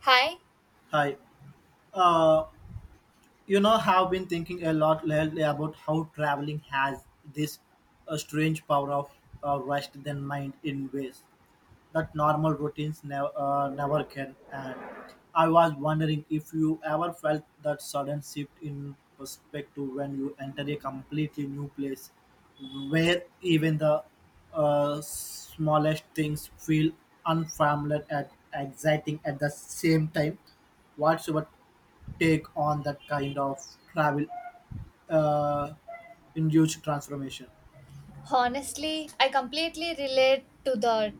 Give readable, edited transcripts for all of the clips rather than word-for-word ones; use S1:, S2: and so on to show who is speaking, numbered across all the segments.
S1: Hi,
S2: Hi. Uh, you know, have been thinking a lot lately about how traveling has this strange power of rest than mind in ways that normal routines never can. And I was wondering if you ever felt that sudden shift in perspective when you enter a completely new place, where even the smallest things feel unfamiliar and exciting at the same time. What's your take on that kind of travel uh, induced transformation?
S1: honestly, I completely relate to that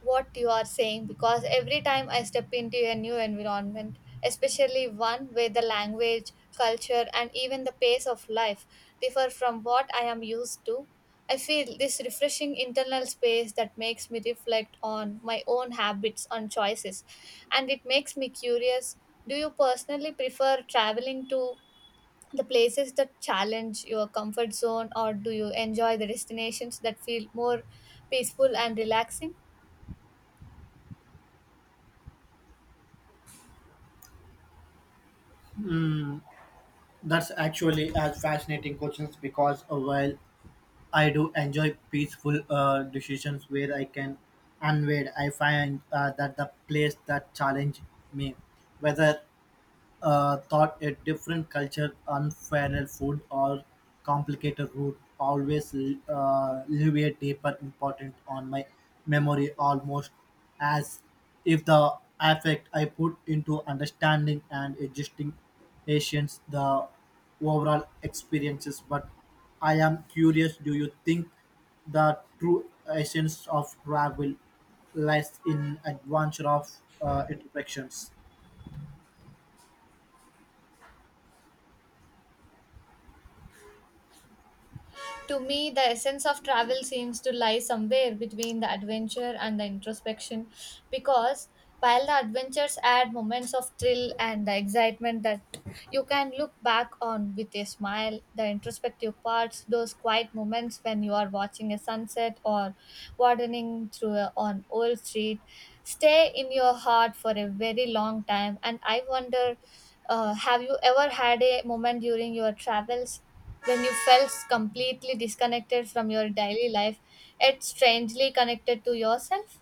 S1: what you are saying because every time I step into a new environment, especially one where the language, culture, and even the pace of life differ from what I am used to, I feel this refreshing internal space that makes me reflect on my own habits and choices, and it makes me curious. Do you personally prefer traveling to the places that challenge your comfort zone, or do you enjoy the destinations that feel more peaceful and relaxing?
S2: That's actually as fascinating questions because while I do enjoy peaceful decisions where I can unwind. I find that the place that challenge me, whether thought a different culture, unfairer food, or complicated route always leave a deeper imprint on my memory, almost as if the effect I put into understanding and adjusting Asians the overall experiences. But I am curious: do you think the true essence of travel lies in adventure of interactions?
S1: To me, the essence of travel seems to lie somewhere between the adventure and the introspection, because while the adventures add moments of thrill and the excitement that you can look back on with a smile, the introspective parts, those quiet moments when you are watching a sunset or wandering through on old street, stay in your heart for a very long time. And I wonder, have you ever had a moment during your travels when you felt completely disconnected from your daily life yet strangely connected to yourself?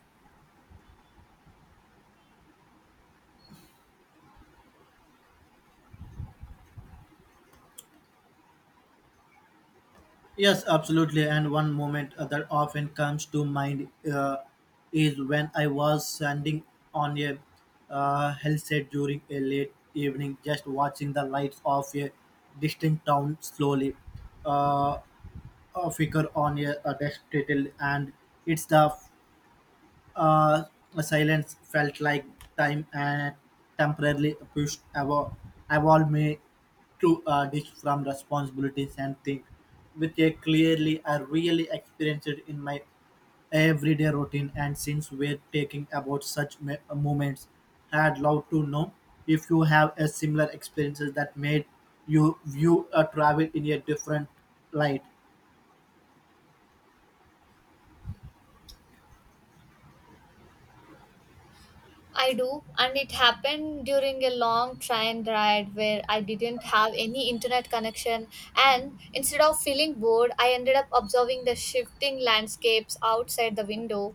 S2: Yes, absolutely. And one moment that often comes to mind is when I was standing on a hill set during a late evening, just watching the lights of a distant town slowly uh, flicker on a desk title, and it's uh, the silence felt like time and temporarily pushed evolved me to ditch from responsibilities and think, which I really experienced it in my everyday routine. And since we're taking about such moments, I'd love to know if you have a similar experiences that made you view a travel in a different light.
S1: I do, and it happened during a long train ride where I didn't have any internet connection, and instead of feeling bored, I ended up observing the shifting landscapes outside the window,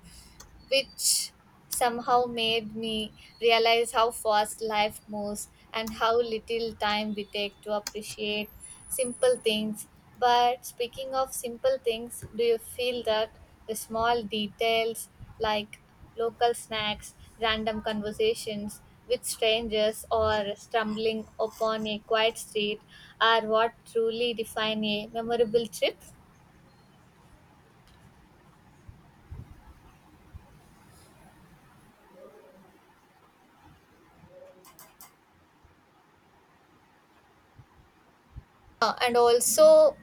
S1: which somehow made me realize how fast life moves and how little time we take to appreciate simple things. But speaking of simple things, do you feel that the small details like local snacks, random conversations with strangers, or stumbling upon a quiet street are what truly define a memorable trip? And also,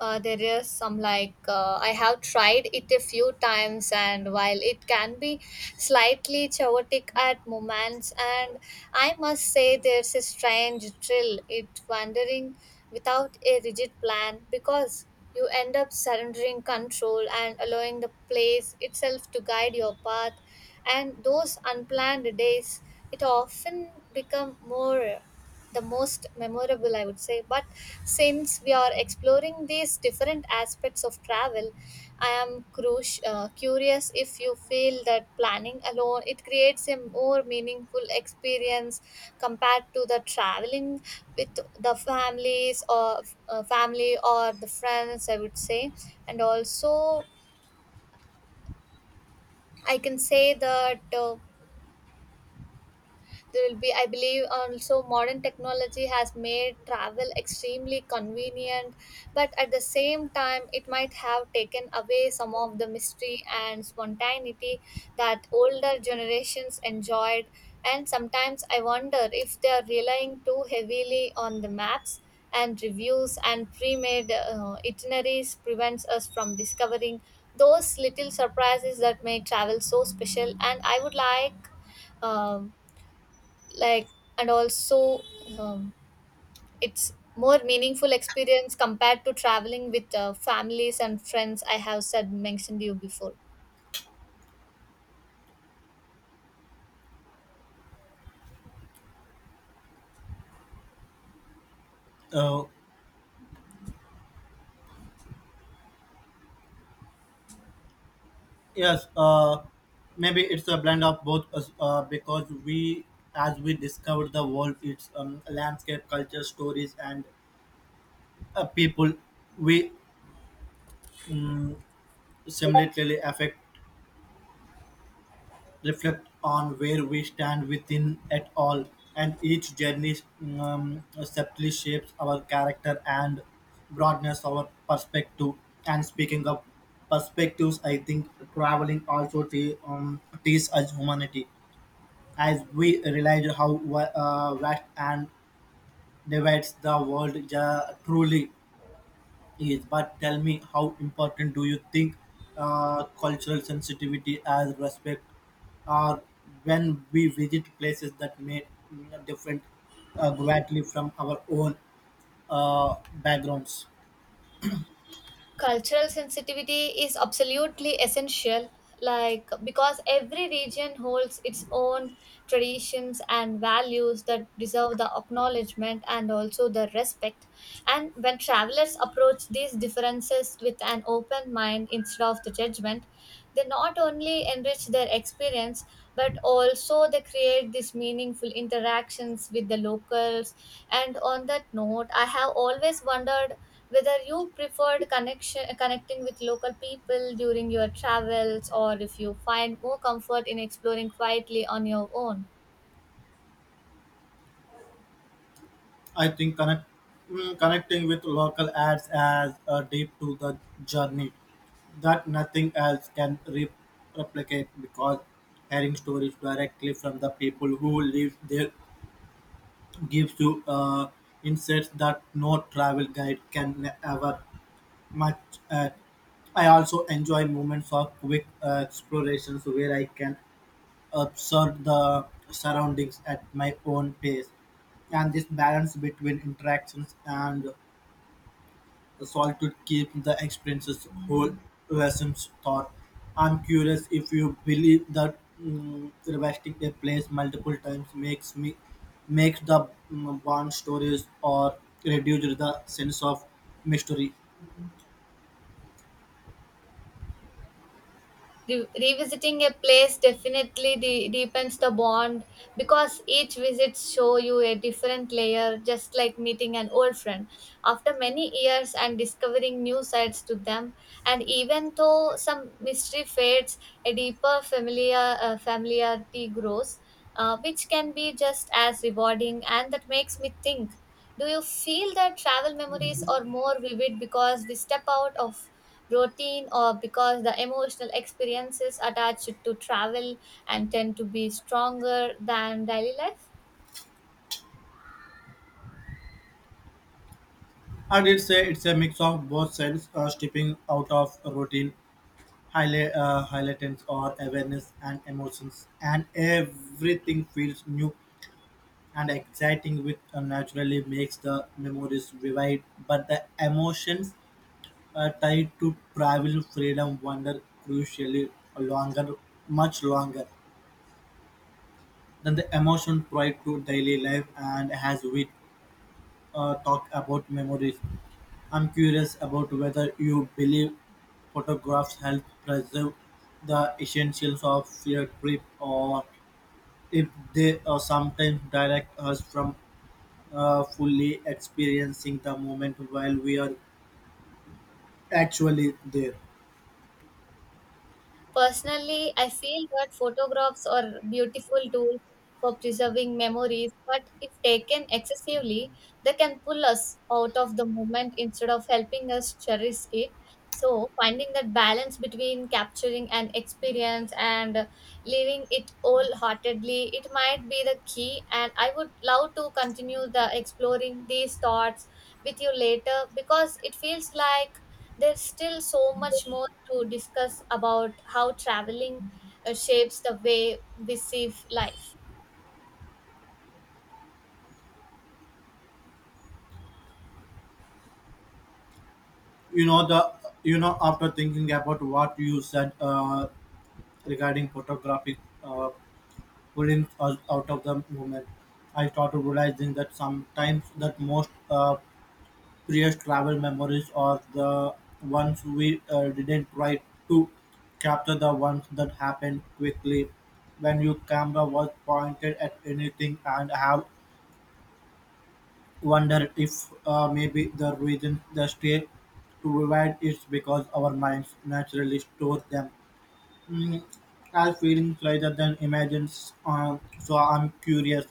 S1: There is some like I have tried it a few times, and while it can be slightly chaotic at moments, and I must say there's a strange thrill it wandering without a rigid plan, because you end up surrendering control and allowing the place itself to guide your path, and those unplanned days it often become more the most memorable, I would say. But since we are exploring these different aspects of travel, I am curious if you feel that planning alone it creates a more meaningful experience compared to the traveling with the families or family or the friends, I would say. And also, I can say that there will be, I believe, also modern technology has made travel extremely convenient, but at the same time, it might have taken away some of the mystery and spontaneity that older generations enjoyed. And sometimes I wonder if they are relying too heavily on the maps and reviews and pre-made itineraries prevents us from discovering those little surprises that make travel so special. And I would like, um, like and also, um, it's more meaningful experience compared to traveling with families and friends, I have said mentioned you before.
S2: Uh, Yes, maybe it's a blend of both because we, as we discover the world, its landscape, culture, stories, and people, we um, similarly affect, reflect on where we stand within it all. And each journey subtly shapes our character and broadness our perspective. And speaking of perspectives, I think traveling also teaches us humanity as we realize how vast and divides the world truly is. But tell me, how important do you think cultural sensitivity as respect are when we visit places that may different greatly from our own backgrounds?
S1: Cultural sensitivity is absolutely essential, like, because every region holds its own traditions and values that deserve the acknowledgement and also the respect. And when travelers approach these differences with an open mind instead of the judgment, they not only enrich their experience, but also they create these meaningful interactions with the locals. And on that note, I have always wondered whether you preferred connection connecting with local people during your travels, or if you find more comfort in exploring quietly on your own.
S2: I think connecting with local ads as a deep to the journey that nothing else can replicate because hearing stories directly from the people who live there gives you insights that no travel guide can ever match. Uh, I also enjoy moments of quick explorations where I can observe the surroundings at my own pace. And this balance between interactions and solitude keeps the experiences whole lessons thought. I'm curious if you believe that mm revisiting a place multiple times makes the bond stories or reduces the sense of mystery.
S1: Revisiting a place definitely deepens the bond, because each visit show you a different layer, just like meeting an old friend after many years and discovering new sides to them. And even though some mystery fades, a deeper familiarity grows, which can be just as rewarding. And that makes me think, do you feel that travel memories are more vivid because we step out of routine, or because the emotional experiences attached to travel and tend to be stronger than daily life?
S2: I did say it's a mix of both sides, stepping out of routine highlightens our awareness and emotions, and everything feels new and exciting, which naturally makes the memories vivid. But the emotions tied to travel, freedom, wonder, crucially longer, much longer than the emotion tied to daily life. And as we talk about memories, I'm curious about whether you believe photographs help preserve the essentials of a trip or if they sometimes direct us from fully experiencing the moment while we are actually there.
S1: Personally, I feel that photographs are beautiful tools for preserving memories, but if taken excessively, they can pull us out of the moment instead of helping us cherish it. So, finding that balance between capturing an experience and living it wholeheartedly, it might be the key. And I would love to continue the exploring these thoughts with you later, because it feels like there's still so much more to discuss about how traveling shapes the way we see life.
S2: You know the you know after thinking about what you said regarding photographic uh, pulling us out of the moment, I started realizing that sometimes that most Previous travel memories are the ones we didn't try to capture, the ones that happened quickly when your camera was pointed at anything and have wondered if maybe the reason they stay to rewind is because our minds naturally store them mm, as feelings rather than images. So I'm curious,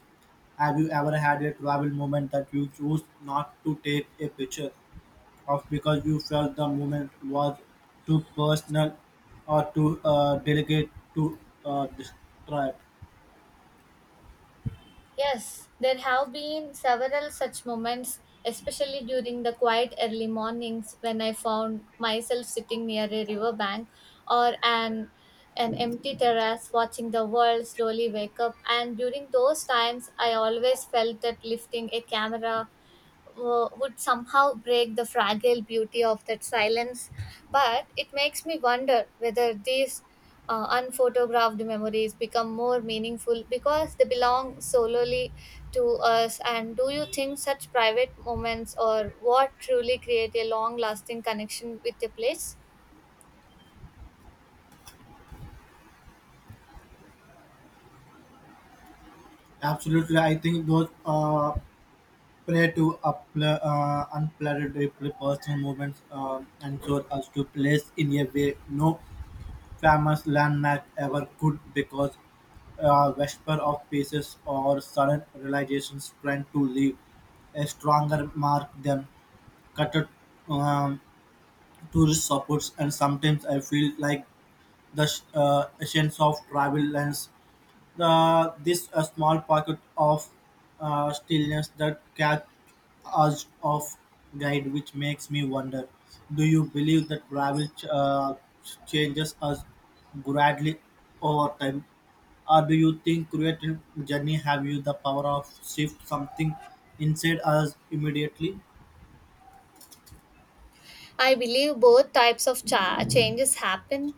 S2: have you ever had a travel moment that you choose not to take a picture? Of because you felt the moment was too personal or too delicate to describe.
S1: Yes, there have been several such moments, especially during the quiet early mornings when I found myself sitting near a riverbank or an empty terrace, watching the world slowly wake up. And during those times, I always felt that lifting a camera would somehow break the fragile beauty of that silence. But it makes me wonder whether these unphotographed memories become more meaningful because they belong solely to us. And do you think such private moments or what truly create a long lasting connection with a place?
S2: Absolutely, I think those unplanned, personal moments and so us to place in a way no famous landmark ever could because whisper of pieces or sudden realizations trying to leave a stronger mark than cut um, tourist spots, and sometimes I feel like the essence of travel lens. This a small pocket of stillness that catch us off guide, which makes me wonder: do you believe that travel changes us gradually over time? Or do you think creative journey have you the power of shift something inside us immediately?
S1: I believe both types of changes happen,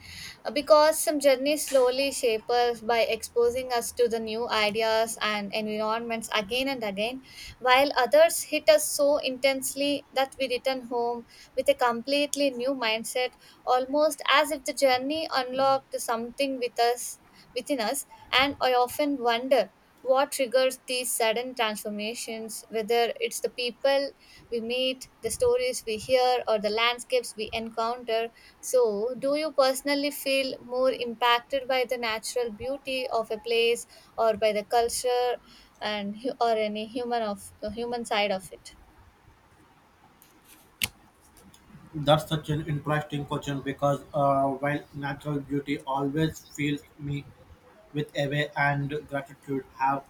S1: because some journeys slowly shape us by exposing us to the new ideas and environments again and again, while others hit us so intensely that we return home with a completely new mindset, almost as if the journey unlocked something within us. And I often wonder what triggers these sudden transformations, whether it's the people we meet, the stories we hear, or the landscapes we encounter. So, do you personally feel more impacted by the natural beauty of a place, or by the culture and or any human of human side of it?
S2: That's such an interesting question because while natural beauty always fills me with awe and gratitude, have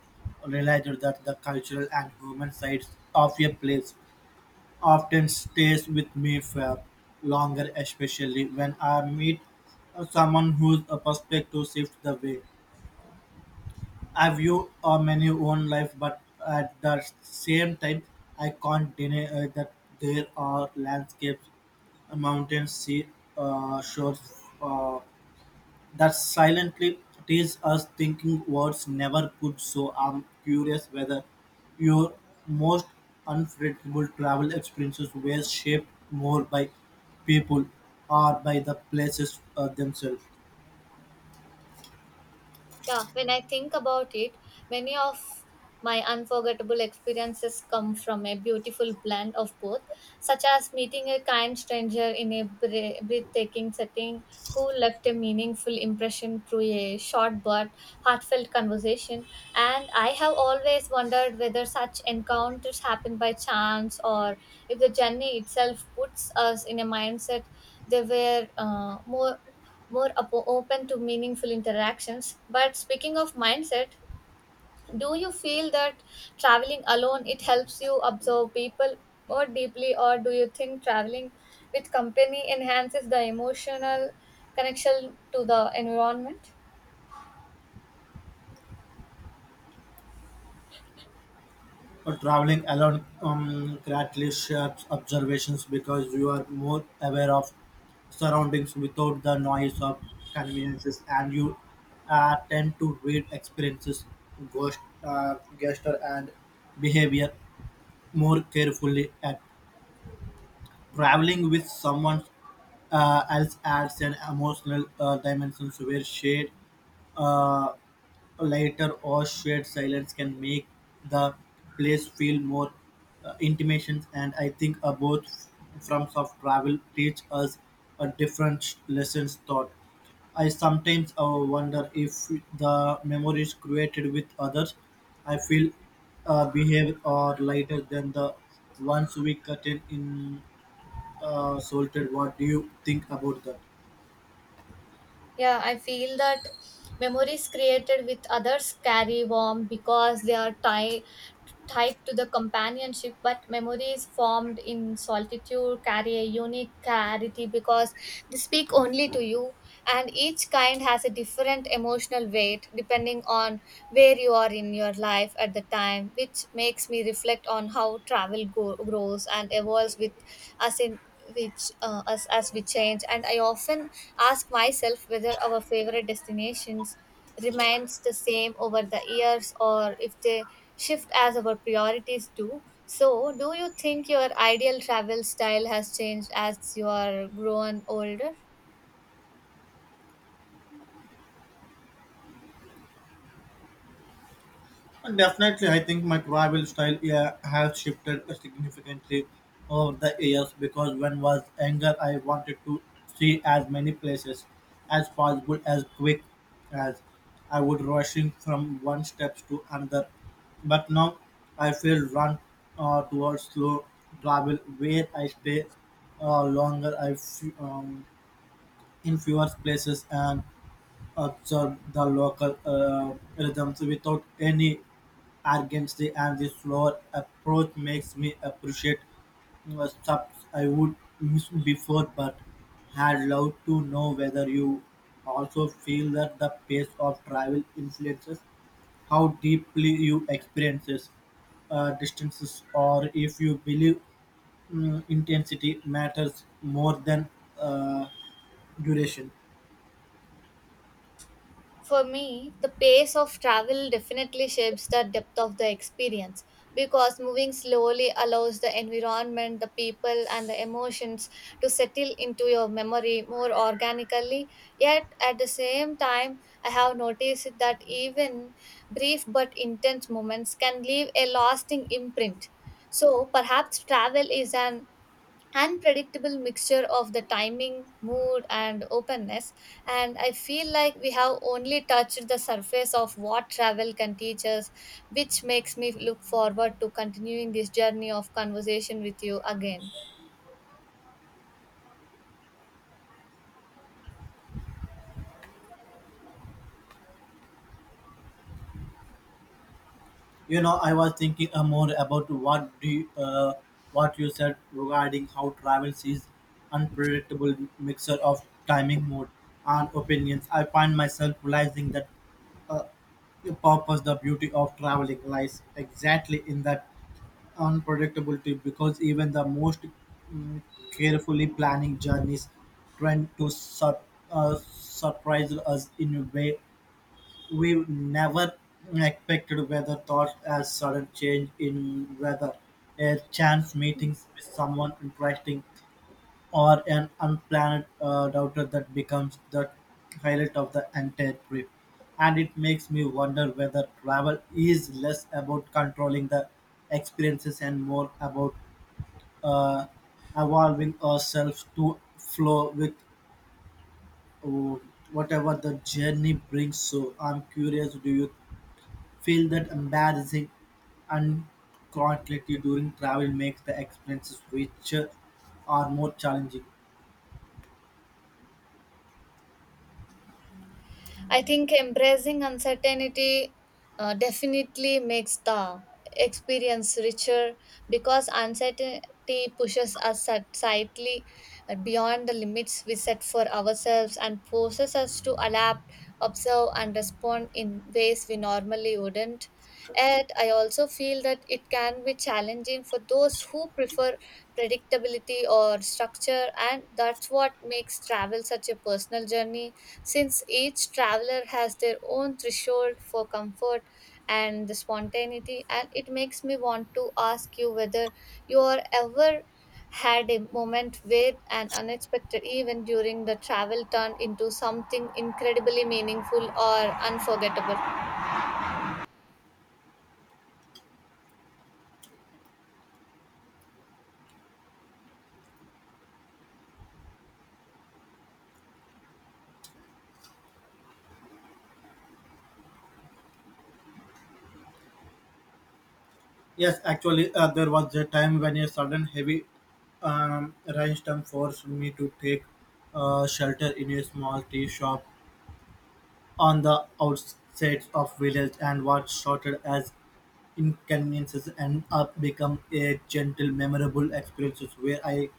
S2: realized that the cultural and human sides of a place often stays with me for longer, especially when I meet someone whose perspective shifts the way. I view many own life, but at the same time, I can't deny that there are landscapes, mountains, sea shores that silently tease us thinking words never could. So I'm curious whether your most unforgettable travel experiences were shaped more by people or by the places themselves.
S1: Yeah, when I think about it, many of my unforgettable experiences come from a beautiful blend of both, such as meeting a kind stranger in a breathtaking setting, who left a meaningful impression through a short but heartfelt conversation. And I have always wondered whether such encounters happen by chance, or if the journey itself puts us in a mindset they were more open to meaningful interactions. But speaking of mindset, do you feel that traveling alone it helps you observe people more deeply, or do you think traveling with company enhances the emotional connection to the environment?
S2: Or traveling alone greatly shapes observations because you are more aware of surroundings without the noise of conveniences, and you tend to read experiences, ghost, gesture, and behavior more carefully. At traveling with someone else adds an emotional dimension where shared uh, lighter or shared silence can make the place feel more intimate, and I think both forms of travel teach us a different lessons taught. I sometimes wonder if the memories created with others I feel behave or lighter than the ones we cut in salted. What do you think about that?
S1: Yeah, I feel that memories created with others carry warmth because they are tied to the companionship, but memories formed in solitude carry a unique clarity, because they speak only to you, and each kind has a different emotional weight depending on where you are in your life at the time, which makes me reflect on how travel grows and evolves with us in which us as we change. And I often ask myself whether our favorite destinations remains the same over the years, or if they shift as our priorities do. So, do you think your ideal travel style has changed as you are grown older?
S2: And definitely, I think my travel style yeah, has shifted significantly over the years because when was younger, I wanted to see as many places as possible as quick as I would rushing from one steps to another. But now I feel run towards slow travel where I stay longer in fewer places and observe the local rhythms without any urgency, and the slower approach makes me appreciate subs I would miss before, but had loved to know whether you also feel that the pace of travel influences how deeply you experiences distances, or if you believe intensity matters more than uh, duration.
S1: For me, the pace of travel definitely shapes the depth of the experience, because moving slowly allows the environment, the people, and the emotions to settle into your memory more organically. Yet, at the same time, I have noticed that even brief but intense moments can leave a lasting imprint. So, perhaps travel is an unpredictable mixture of the timing, mood, and openness. And I feel like we have only touched the surface of what travel can teach us, which makes me look forward to continuing this journey of conversation with you again.
S2: You know, I was thinking more about what you said regarding how travels is unpredictable mixture of timing, mood, and opinions. I find myself realizing that uh, the purpose, the beauty of traveling lies exactly in that unpredictability. Because even the most mm, carefully planning journeys tend to surprise us in a way we never expected weather thoughts as sudden change in weather, a chance meeting with someone interesting, or an unplanned doubter that becomes the highlight of the entire trip. And it makes me wonder whether travel is less about controlling the experiences and more about uh, evolving ourselves to flow with uh, whatever the journey brings. So I'm curious, do you feel that embarrassing uncertainty during travel makes the experiences richer or more challenging.
S1: I think embracing uncertainty definitely makes the experience richer, because uncertainty pushes us slightly beyond the limits we set for ourselves and forces us to adapt, observe, and respond in ways we normally wouldn't. Yet, I also feel that it can be challenging for those who prefer predictability or structure, and that's what makes travel such a personal journey, since each traveler has their own threshold for comfort and the spontaneity. And it makes me want to ask you whether you are ever had a moment where an unexpected event during the travel turned into something incredibly meaningful or unforgettable?
S2: Yes, actually, there was a time when a sudden heavy rainstorm forced me to take shelter in a small tea shop on the outskirts of village, and what started as inconveniences end up become a gentle, memorable experiences where I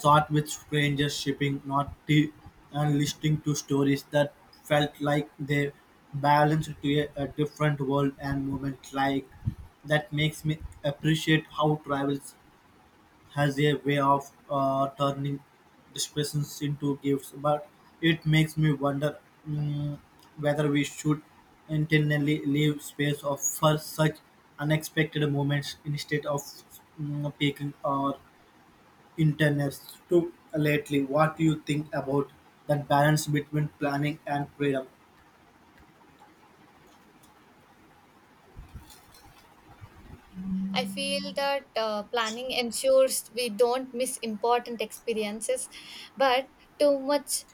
S2: Short with strangers sipping "Noti" and listening to stories that felt like they balanced to a different world and moment like that makes me appreciate how travels has a way of turning depressions into gifts but it makes me wonder mm, whether we should intentionally leave space of for such unexpected moments instead of picking or Internets. Interest lately. What do you think about that balance between planning and freedom?
S1: I feel that planning ensures we don't miss important experiences, but too much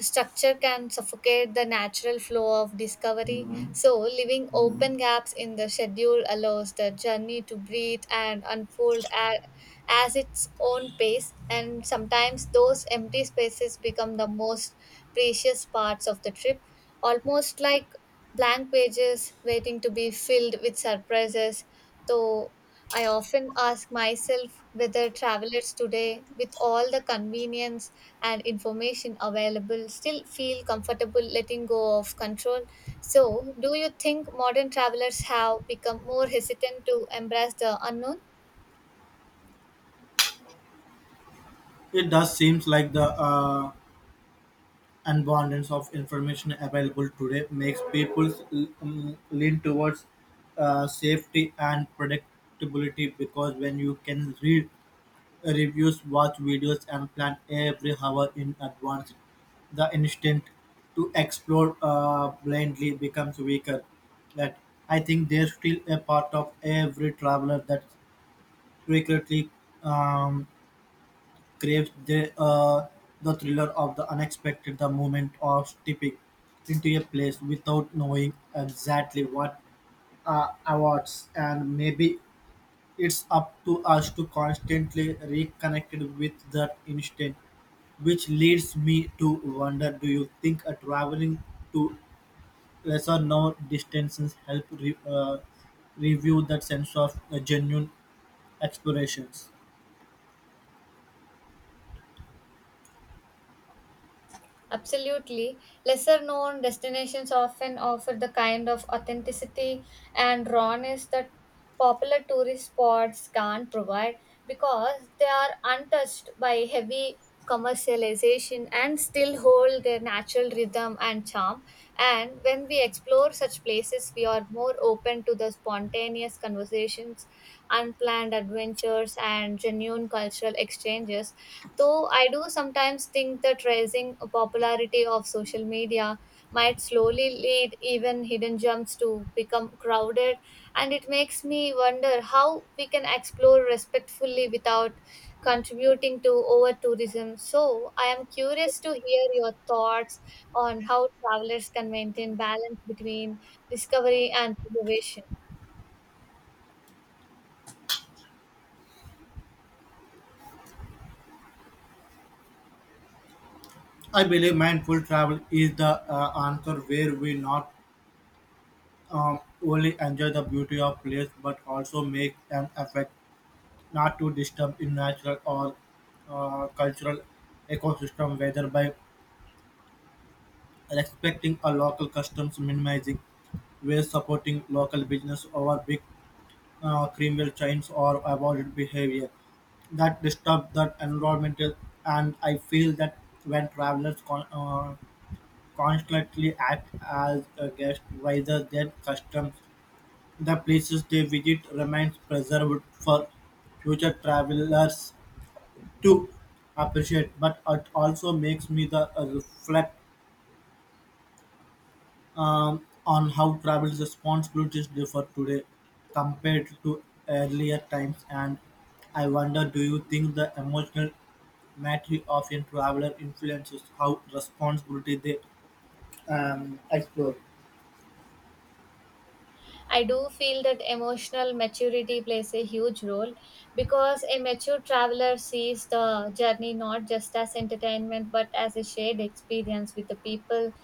S1: structure can suffocate the natural flow of discovery. So, leaving open gaps in the schedule allows the journey to breathe and unfold as its own pace. And sometimes those empty spaces become the most precious parts of the trip, almost like blank pages waiting to be filled with surprises. Though I often ask myself whether travelers today, with all the convenience and information available, still feel comfortable letting go of control. So, do you think modern travelers have become more hesitant to embrace the unknown?
S2: It does seems like the abundance of information available today makes people lean towards safety and predictability because when you can read Reviews watch videos and plan every hour in advance. The instinct to explore blindly becomes weaker. That I think there's still a part of every traveler that secretly um, craves the thriller of the unexpected, the moment of stepping into a place without knowing exactly what awards and maybe it's up to us to constantly reconnect with that instinct, which leads me to wonder do you think traveling to lesser known distances help review that sense of genuine explorations?
S1: Absolutely. Lesser known destinations often offer the kind of authenticity and rawness that popular tourist spots can't provide, because they are untouched by heavy commercialization and still hold their natural rhythm and charm. And when we explore such places, we are more open to the spontaneous conversations, unplanned adventures, and genuine cultural exchanges. Though I do sometimes think the rising popularity of social media might slowly lead even hidden gems to become crowded, and it makes me wonder how we can explore respectfully without contributing to over tourism. So, I am curious to hear your thoughts on how travelers can maintain balance between discovery and preservation.
S2: I believe mindful travel is the answer where we not um, only enjoy the beauty of place but also make an effort not to disturb in natural or cultural ecosystem, whether by respecting a local customs, minimizing waste, supporting local business over big criminal chains, or avoided behavior that disturb the environment. And I feel that when travelers constantly act as a guest rather than customs, the places they visit remains preserved for future travelers to appreciate. But it also makes me the reflect on how travel responsibilities differ today compared to earlier times, and I wonder, do you think the emotional maturity of a traveler influences how responsibility they explore?
S1: I do feel that emotional maturity plays a huge role because a mature traveler sees the journey not just as entertainment but as a shared experience with the people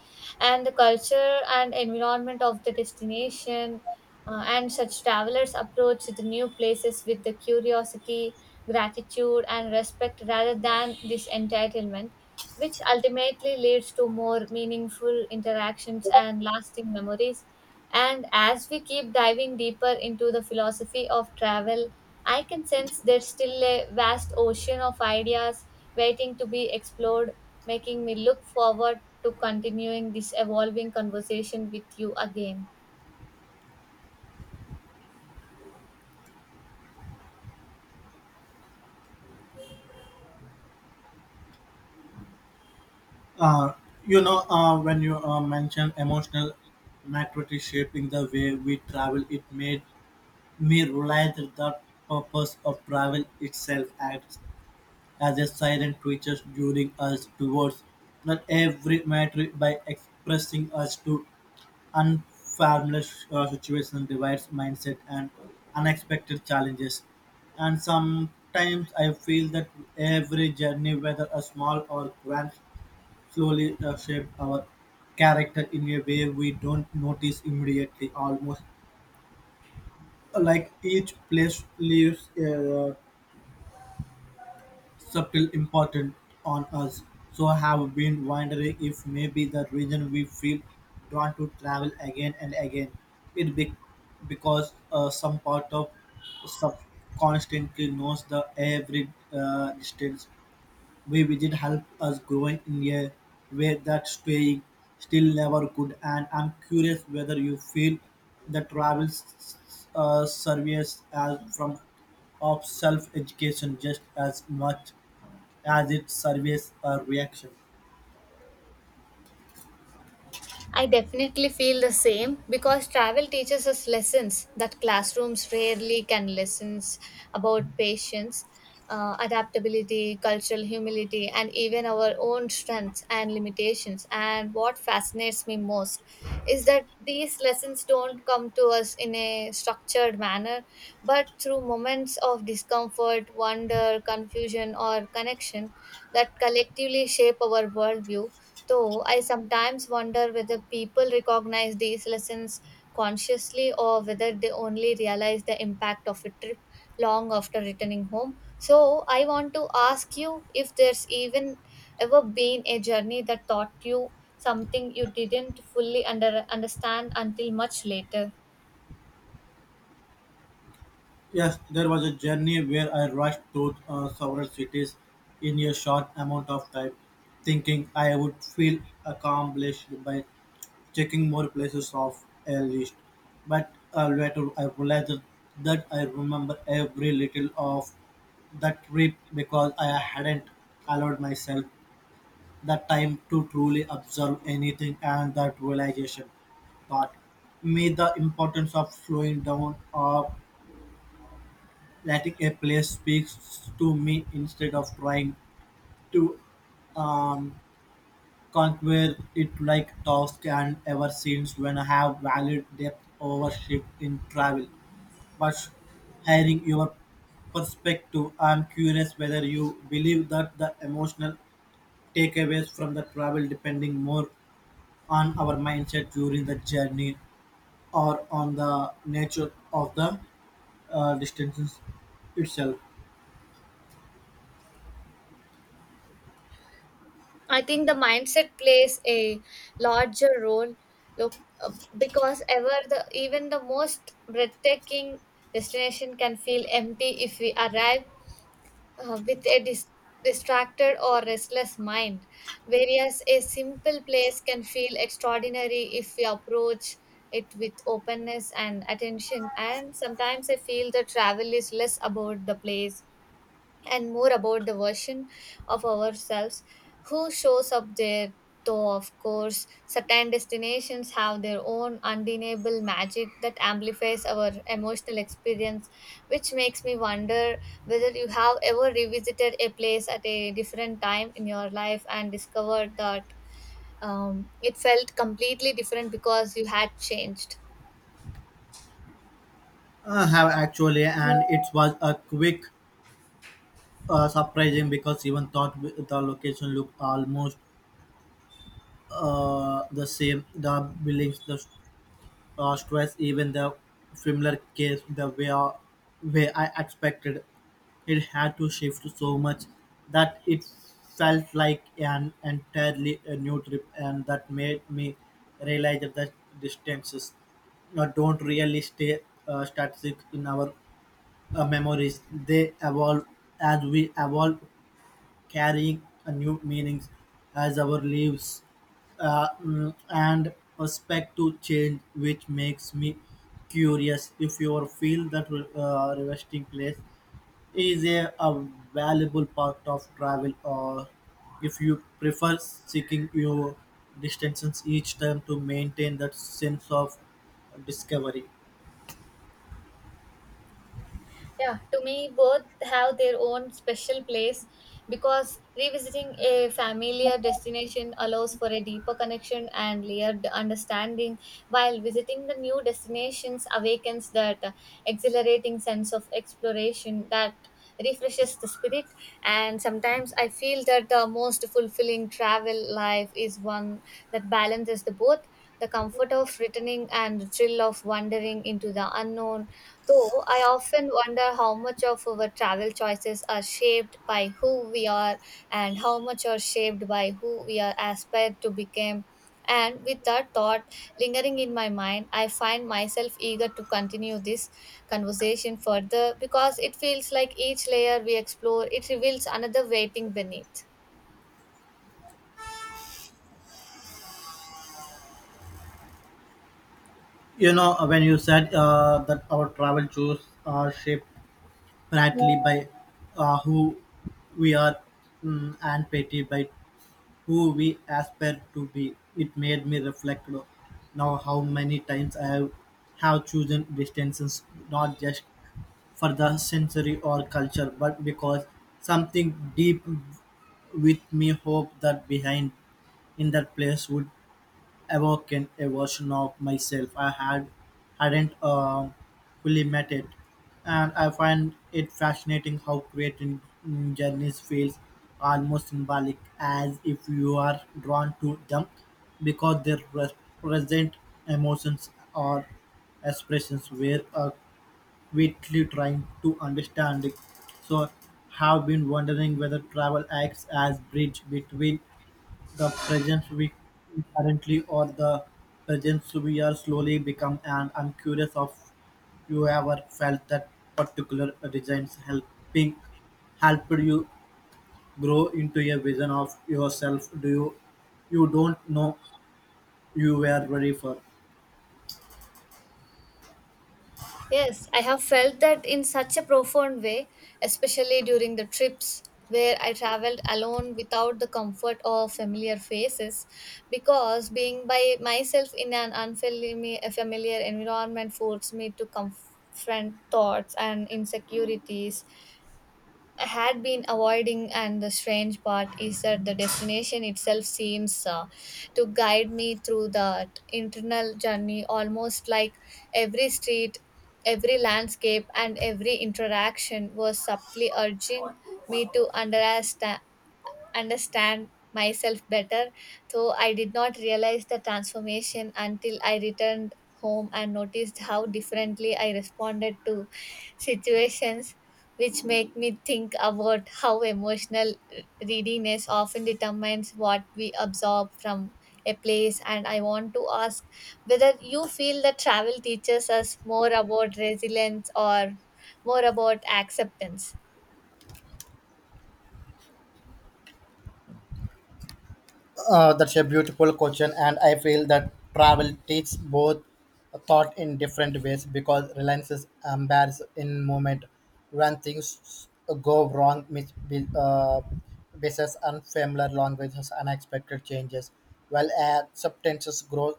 S1: and the culture and environment of the destination. And such travelers approach the new places with the curiosity, gratitude, and respect rather than this entitlement which ultimately leads to more meaningful interactions and lasting memories. And as we keep diving deeper into the philosophy of travel, I can sense there's still a vast ocean of ideas waiting to be explored, making me look forward to continuing this evolving conversation with you again.
S2: uh, you know, when you mention emotional maturity shaping the way we travel, it made me realize that the purpose of travel itself, and as a silent creature luring us towards not every matter by expressing us to unfamiliar situations, divides mindset and unexpected challenges. And sometimes I feel that every journey, whether a small or grand, slowly shapes our character in a way we don't notice immediately, almost like each place leaves a subtle important on us. So I have been wondering if maybe the reason we feel drawn to travel again and again, it be because some part of sub constantly knows the every distance we visit help us growing in a way that staying still never could. And I'm curious whether you feel the service as from of self education just as much as it surveys a reaction.
S1: I definitely feel the same because travel teaches us lessons that classrooms rarely can lessons about patience, adaptability, cultural humility, and even our own strengths and limitations. And what fascinates me most is that these lessons don't come to us in a structured manner, but through moments of discomfort, wonder, confusion, or connection that collectively shape our worldview. Though I sometimes wonder whether people recognize these lessons consciously or whether they only realize the impact of a trip long after returning home. So I want to ask you if there's even ever been a journey that taught you something you didn't fully understand until much later.
S2: Yes, there was a journey where I rushed through several cities in a short amount of time, thinking I would feel accomplished by checking more places off a list. But later I realized that I remember every little of that trip because I hadn't allowed myself the time to truly observe anything, and that realization taught me the importance of slowing down or letting a place speak to me instead of trying to um, conquer it like task, and ever since when I have valued depth over shift in travel. But hearing your perspective, I'm curious whether you believe that the emotional takeaways from the travel depending more on our mindset during the journey or on the nature of the distances itself.
S1: I think the mindset plays a larger role look, because ever the even the most breathtaking destination can feel empty if we arrive with a distracted or restless mind, whereas a simple place can feel extraordinary if we approach it with openness and attention, and sometimes I feel the travel is less about the place and more about the version of ourselves who shows up there. Though, of course, certain destinations have their own undeniable magic that amplifies our emotional experience, which makes me wonder whether you have ever revisited a place at a different time in your life and discovered that it felt completely different because you had changed.
S2: Have actually, and it was a quick surprising because even thought the location looked almost the same. The buildings, the stress, even the similar case the way, way I expected it had to shift so much that it felt like an entirely a new trip, and that made me realize that distances don't really stay static in our memories. They evolve as we evolve, carrying a new meanings as our lives and aspect to change, which makes me curious if you feel that resting place is a valuable part of travel or if you prefer seeking your distances each time to maintain that sense of discovery.
S1: Yeah, to me, both have their own special place because revisiting a familiar destination allows for a deeper connection and layered understanding, while visiting the new destinations awakens that exhilarating sense of exploration that refreshes the spirit. And sometimes I feel that the most fulfilling travel life is one that balances the both, the comfort of returning and the thrill of wandering into the unknown. Though I often wonder how much of our travel choices are shaped by who we are and how much are shaped by who we are aspire to become. And with that thought lingering in my mind, I find myself eager to continue this conversation further because it feels like each layer we explore it reveals another waiting beneath.
S2: You know, when you said that our travel choices are shaped Bradley by who we are, and Petty by who we aspire to be. It made me reflect now how many times have chosen distances not just for the sensory or culture, but because something deep with me hoped that behind in that place would awoken a version of myself I hadn't fully met it, and I find it fascinating how creating journeys feels almost symbolic, as if you are drawn to them because they represent emotions or expressions were quickly trying to understand it. So, have been wondering whether travel acts as bridge between the presence we currently or the presence we are slowly become, and I'm curious of you ever felt that particular designs helping helped you grow into a vision of yourself, do you don't know you were ready for.
S1: Yes, I have felt that in such a profound way, especially during the trips where I traveled alone without the comfort or familiar faces, because being by myself in an unfamiliar familiar environment forced me to confront thoughts and insecurities had been avoiding, and the strange part is that the destination itself seems to guide me through that internal journey almost like every street, every landscape, and every interaction was subtly urging me to understand myself better, though I did not realize the transformation until I returned home and noticed how differently I responded to situations, which make me think about how emotional readiness often determines what we absorb from a place. And I want to ask whether you feel that travel teaches us more about resilience or more about acceptance.
S2: That's a beautiful question, and I feel that travel teaches both thought in different ways because reliance is embarrassed in moment when things go wrong, basis unfamiliar languages, unexpected changes, while acceptances grow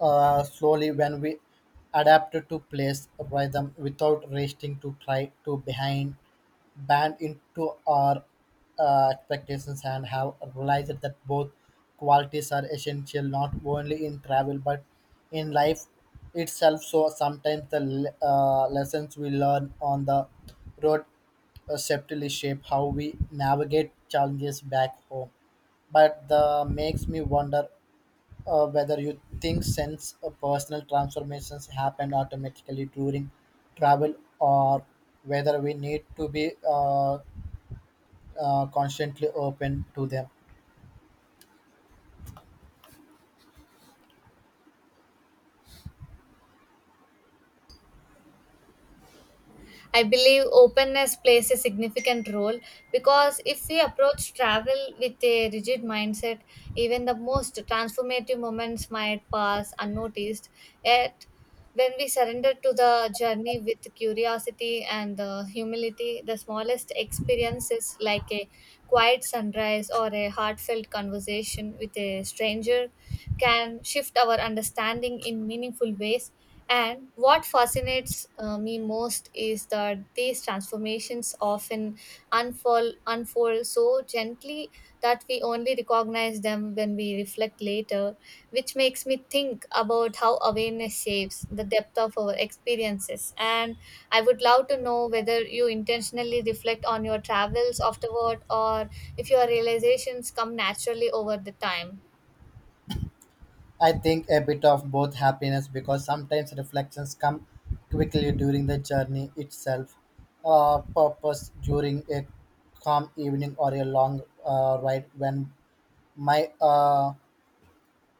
S2: slowly when we adapt to place rhythm without resting to try to behind banned into our expectations, and have realized that both qualities are essential not only in travel but in life itself. So sometimes the lessons we learn on the road subtly shape how we navigate challenges back home. But the makes me wonder whether you think sense or personal transformations happen automatically during travel or whether we need to be constantly open to them.
S1: I believe openness plays a significant role because if we approach travel with a rigid mindset, even the most transformative moments might pass unnoticed. Yet, when we surrender to the journey with curiosity and humility, the smallest experiences like a quiet sunrise or a heartfelt conversation with a stranger can shift our understanding in meaningful ways, and what fascinates me most is that these transformations often unfold so gently that we only recognize them when we reflect later, which makes me think about how awareness shapes the depth of our experiences. And I would love to know whether you intentionally reflect on your travels afterward or if your realizations come naturally over the time.
S2: I think a bit of both happiness because sometimes reflections come quickly during the journey itself, purpose during a calm evening or a long ride when my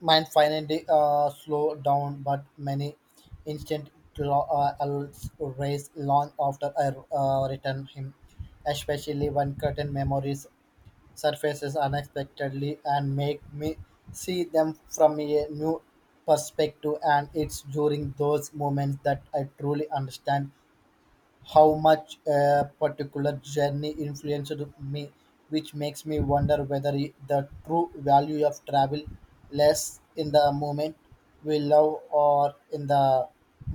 S2: mine finally slowed down, but many instant alerts raised long after I returned him, especially when certain memories surfaces unexpectedly and make me see them from a new perspective. And it's during those moments that I truly understand how much a particular journey influenced me, which makes me wonder whether the true value of travel lies in the moment we love or in the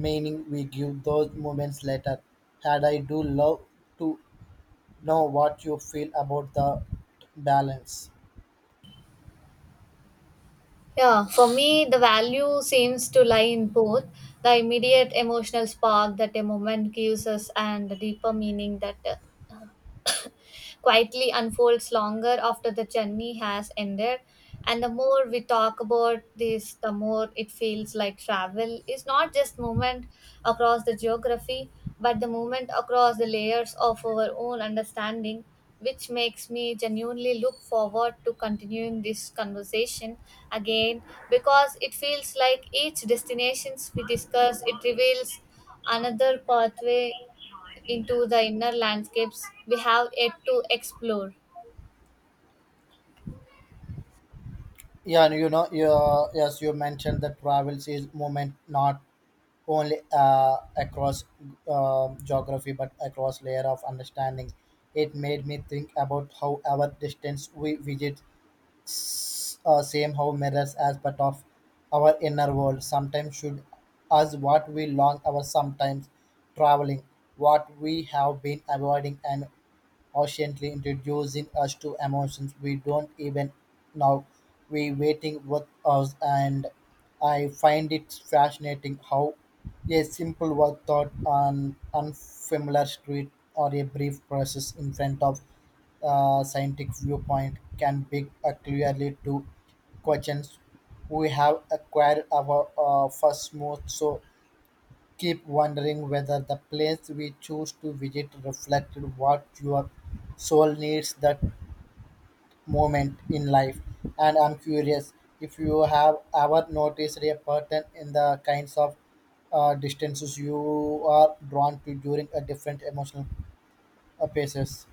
S2: meaning we give those moments later. Had I do love to know what you feel about the balance.
S1: Yeah, for me, the value seems to lie in both the immediate emotional spark that a moment gives us and the deeper meaning that uh, quietly unfolds longer after the journey has ended. And the more we talk about this, the more it feels like travel is not just movement across the geography, but the movement across the layers of our own understanding, which makes me genuinely look forward to continuing this conversation again because it feels like each destinations we discuss it reveals another pathway into the inner landscapes we have yet to explore.
S2: Yeah, and you know, yes, you mentioned that travels is moment, not only across geography but across layer of understanding. It made me think about how our distance we visit same how mirrors as part of our inner world, sometimes should us what we long our, sometimes traveling what we have been avoiding, and Oceanly introducing us to emotions we don't even know we waiting with us, and I find it fascinating how a simple word thought on unfamiliar street or a brief process in front of a scientific viewpoint can be a clearly to questions we have acquired our first move. So keep wondering whether the place we choose to visit reflected what your soul needs that moment in life. And I'm curious if you have ever noticed a pattern in the kinds of distances you are drawn to during a different emotional phases.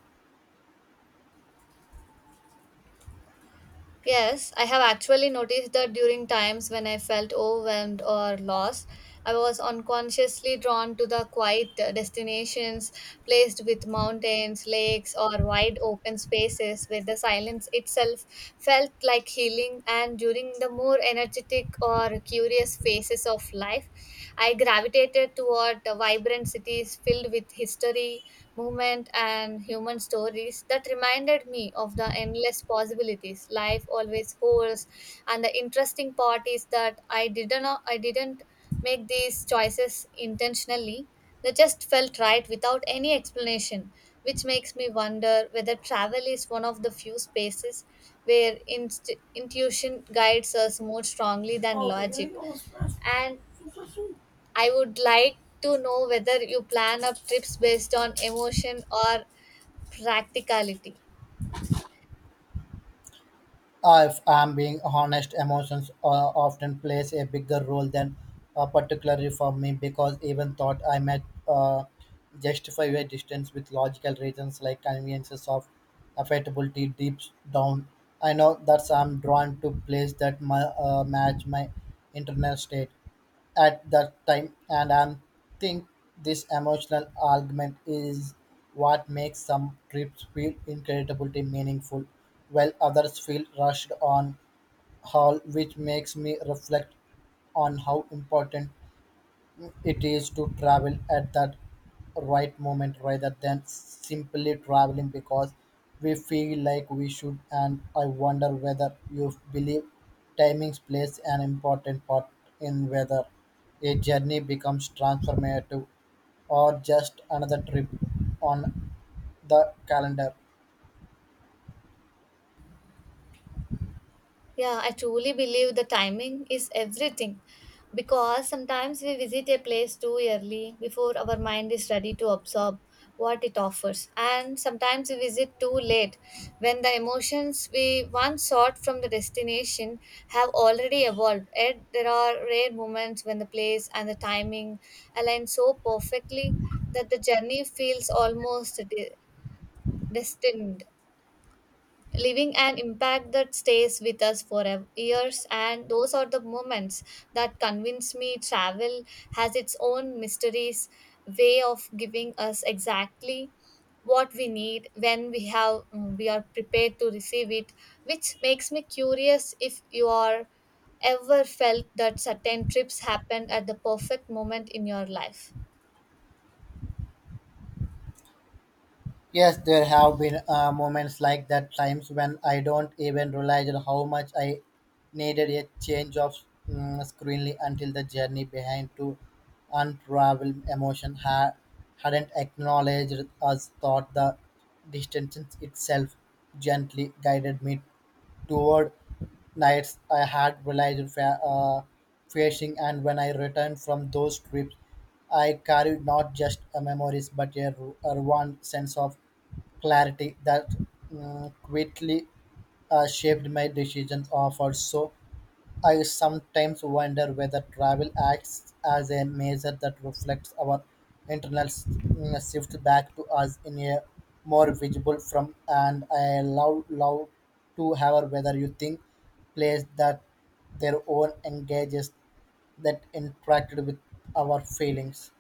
S1: Yes, I have actually noticed that during times when I felt overwhelmed or lost, I was unconsciously drawn to the quiet destinations placed with mountains, lakes, or wide open spaces where the silence itself felt like healing. And during the more energetic or curious phases of life, I gravitated toward the vibrant cities filled with history, movement, and human stories that reminded me of the endless possibilities life always holds, and the interesting part is that I didn't make these choices intentionally. They just felt right without any explanation, which makes me wonder whether travel is one of the few spaces where intuition guides us more strongly than logic. And I would like to know whether you plan up trips based on emotion or practicality.
S2: If I'm being honest, emotions often plays a bigger role than particularly for me, because even thought I might justify a distance with logical reasons like conveniences of affectability deep down. I know that I'm drawn to place that match my internal state at that time, and I think this emotional argument is what makes some trips feel incredibly meaningful while others feel rushed on haul, which makes me reflect on how important it is to travel at that right moment rather than simply traveling because we feel like we should. And I wonder whether you believe timings plays an important part in whether a journey becomes transformative or just another trip on the calendar.
S1: Yeah, I truly believe the timing is everything because sometimes we visit a place too early before our mind is ready to absorb what it offers, and sometimes we visit too late when the emotions we once sought from the destination have already evolved. Yet there are rare moments when the place and the timing align so perfectly that the journey feels almost destined, leaving an impact that stays with us for years, and those are the moments that convince me travel has its own mysteries way of giving us exactly what we need when we are prepared to receive it, which makes me curious if you are ever felt that certain trips happened at the perfect moment in your life.
S2: Yes, there have been moments like that, times when I don't even realize how much I needed a change of screenly until the journey behind to unravel emotion hadn't acknowledged us, thought the distance itself gently guided me toward nights I had realized facing, and when I returned from those trips, I carried not just a memories but a warm sense of clarity that quickly shaped my decision offered. So I sometimes wonder whether travel acts as a measure that reflects our shift back to us in a more visible from, and I allow love to have whether you think plays that their own engages that interacted with our feelings.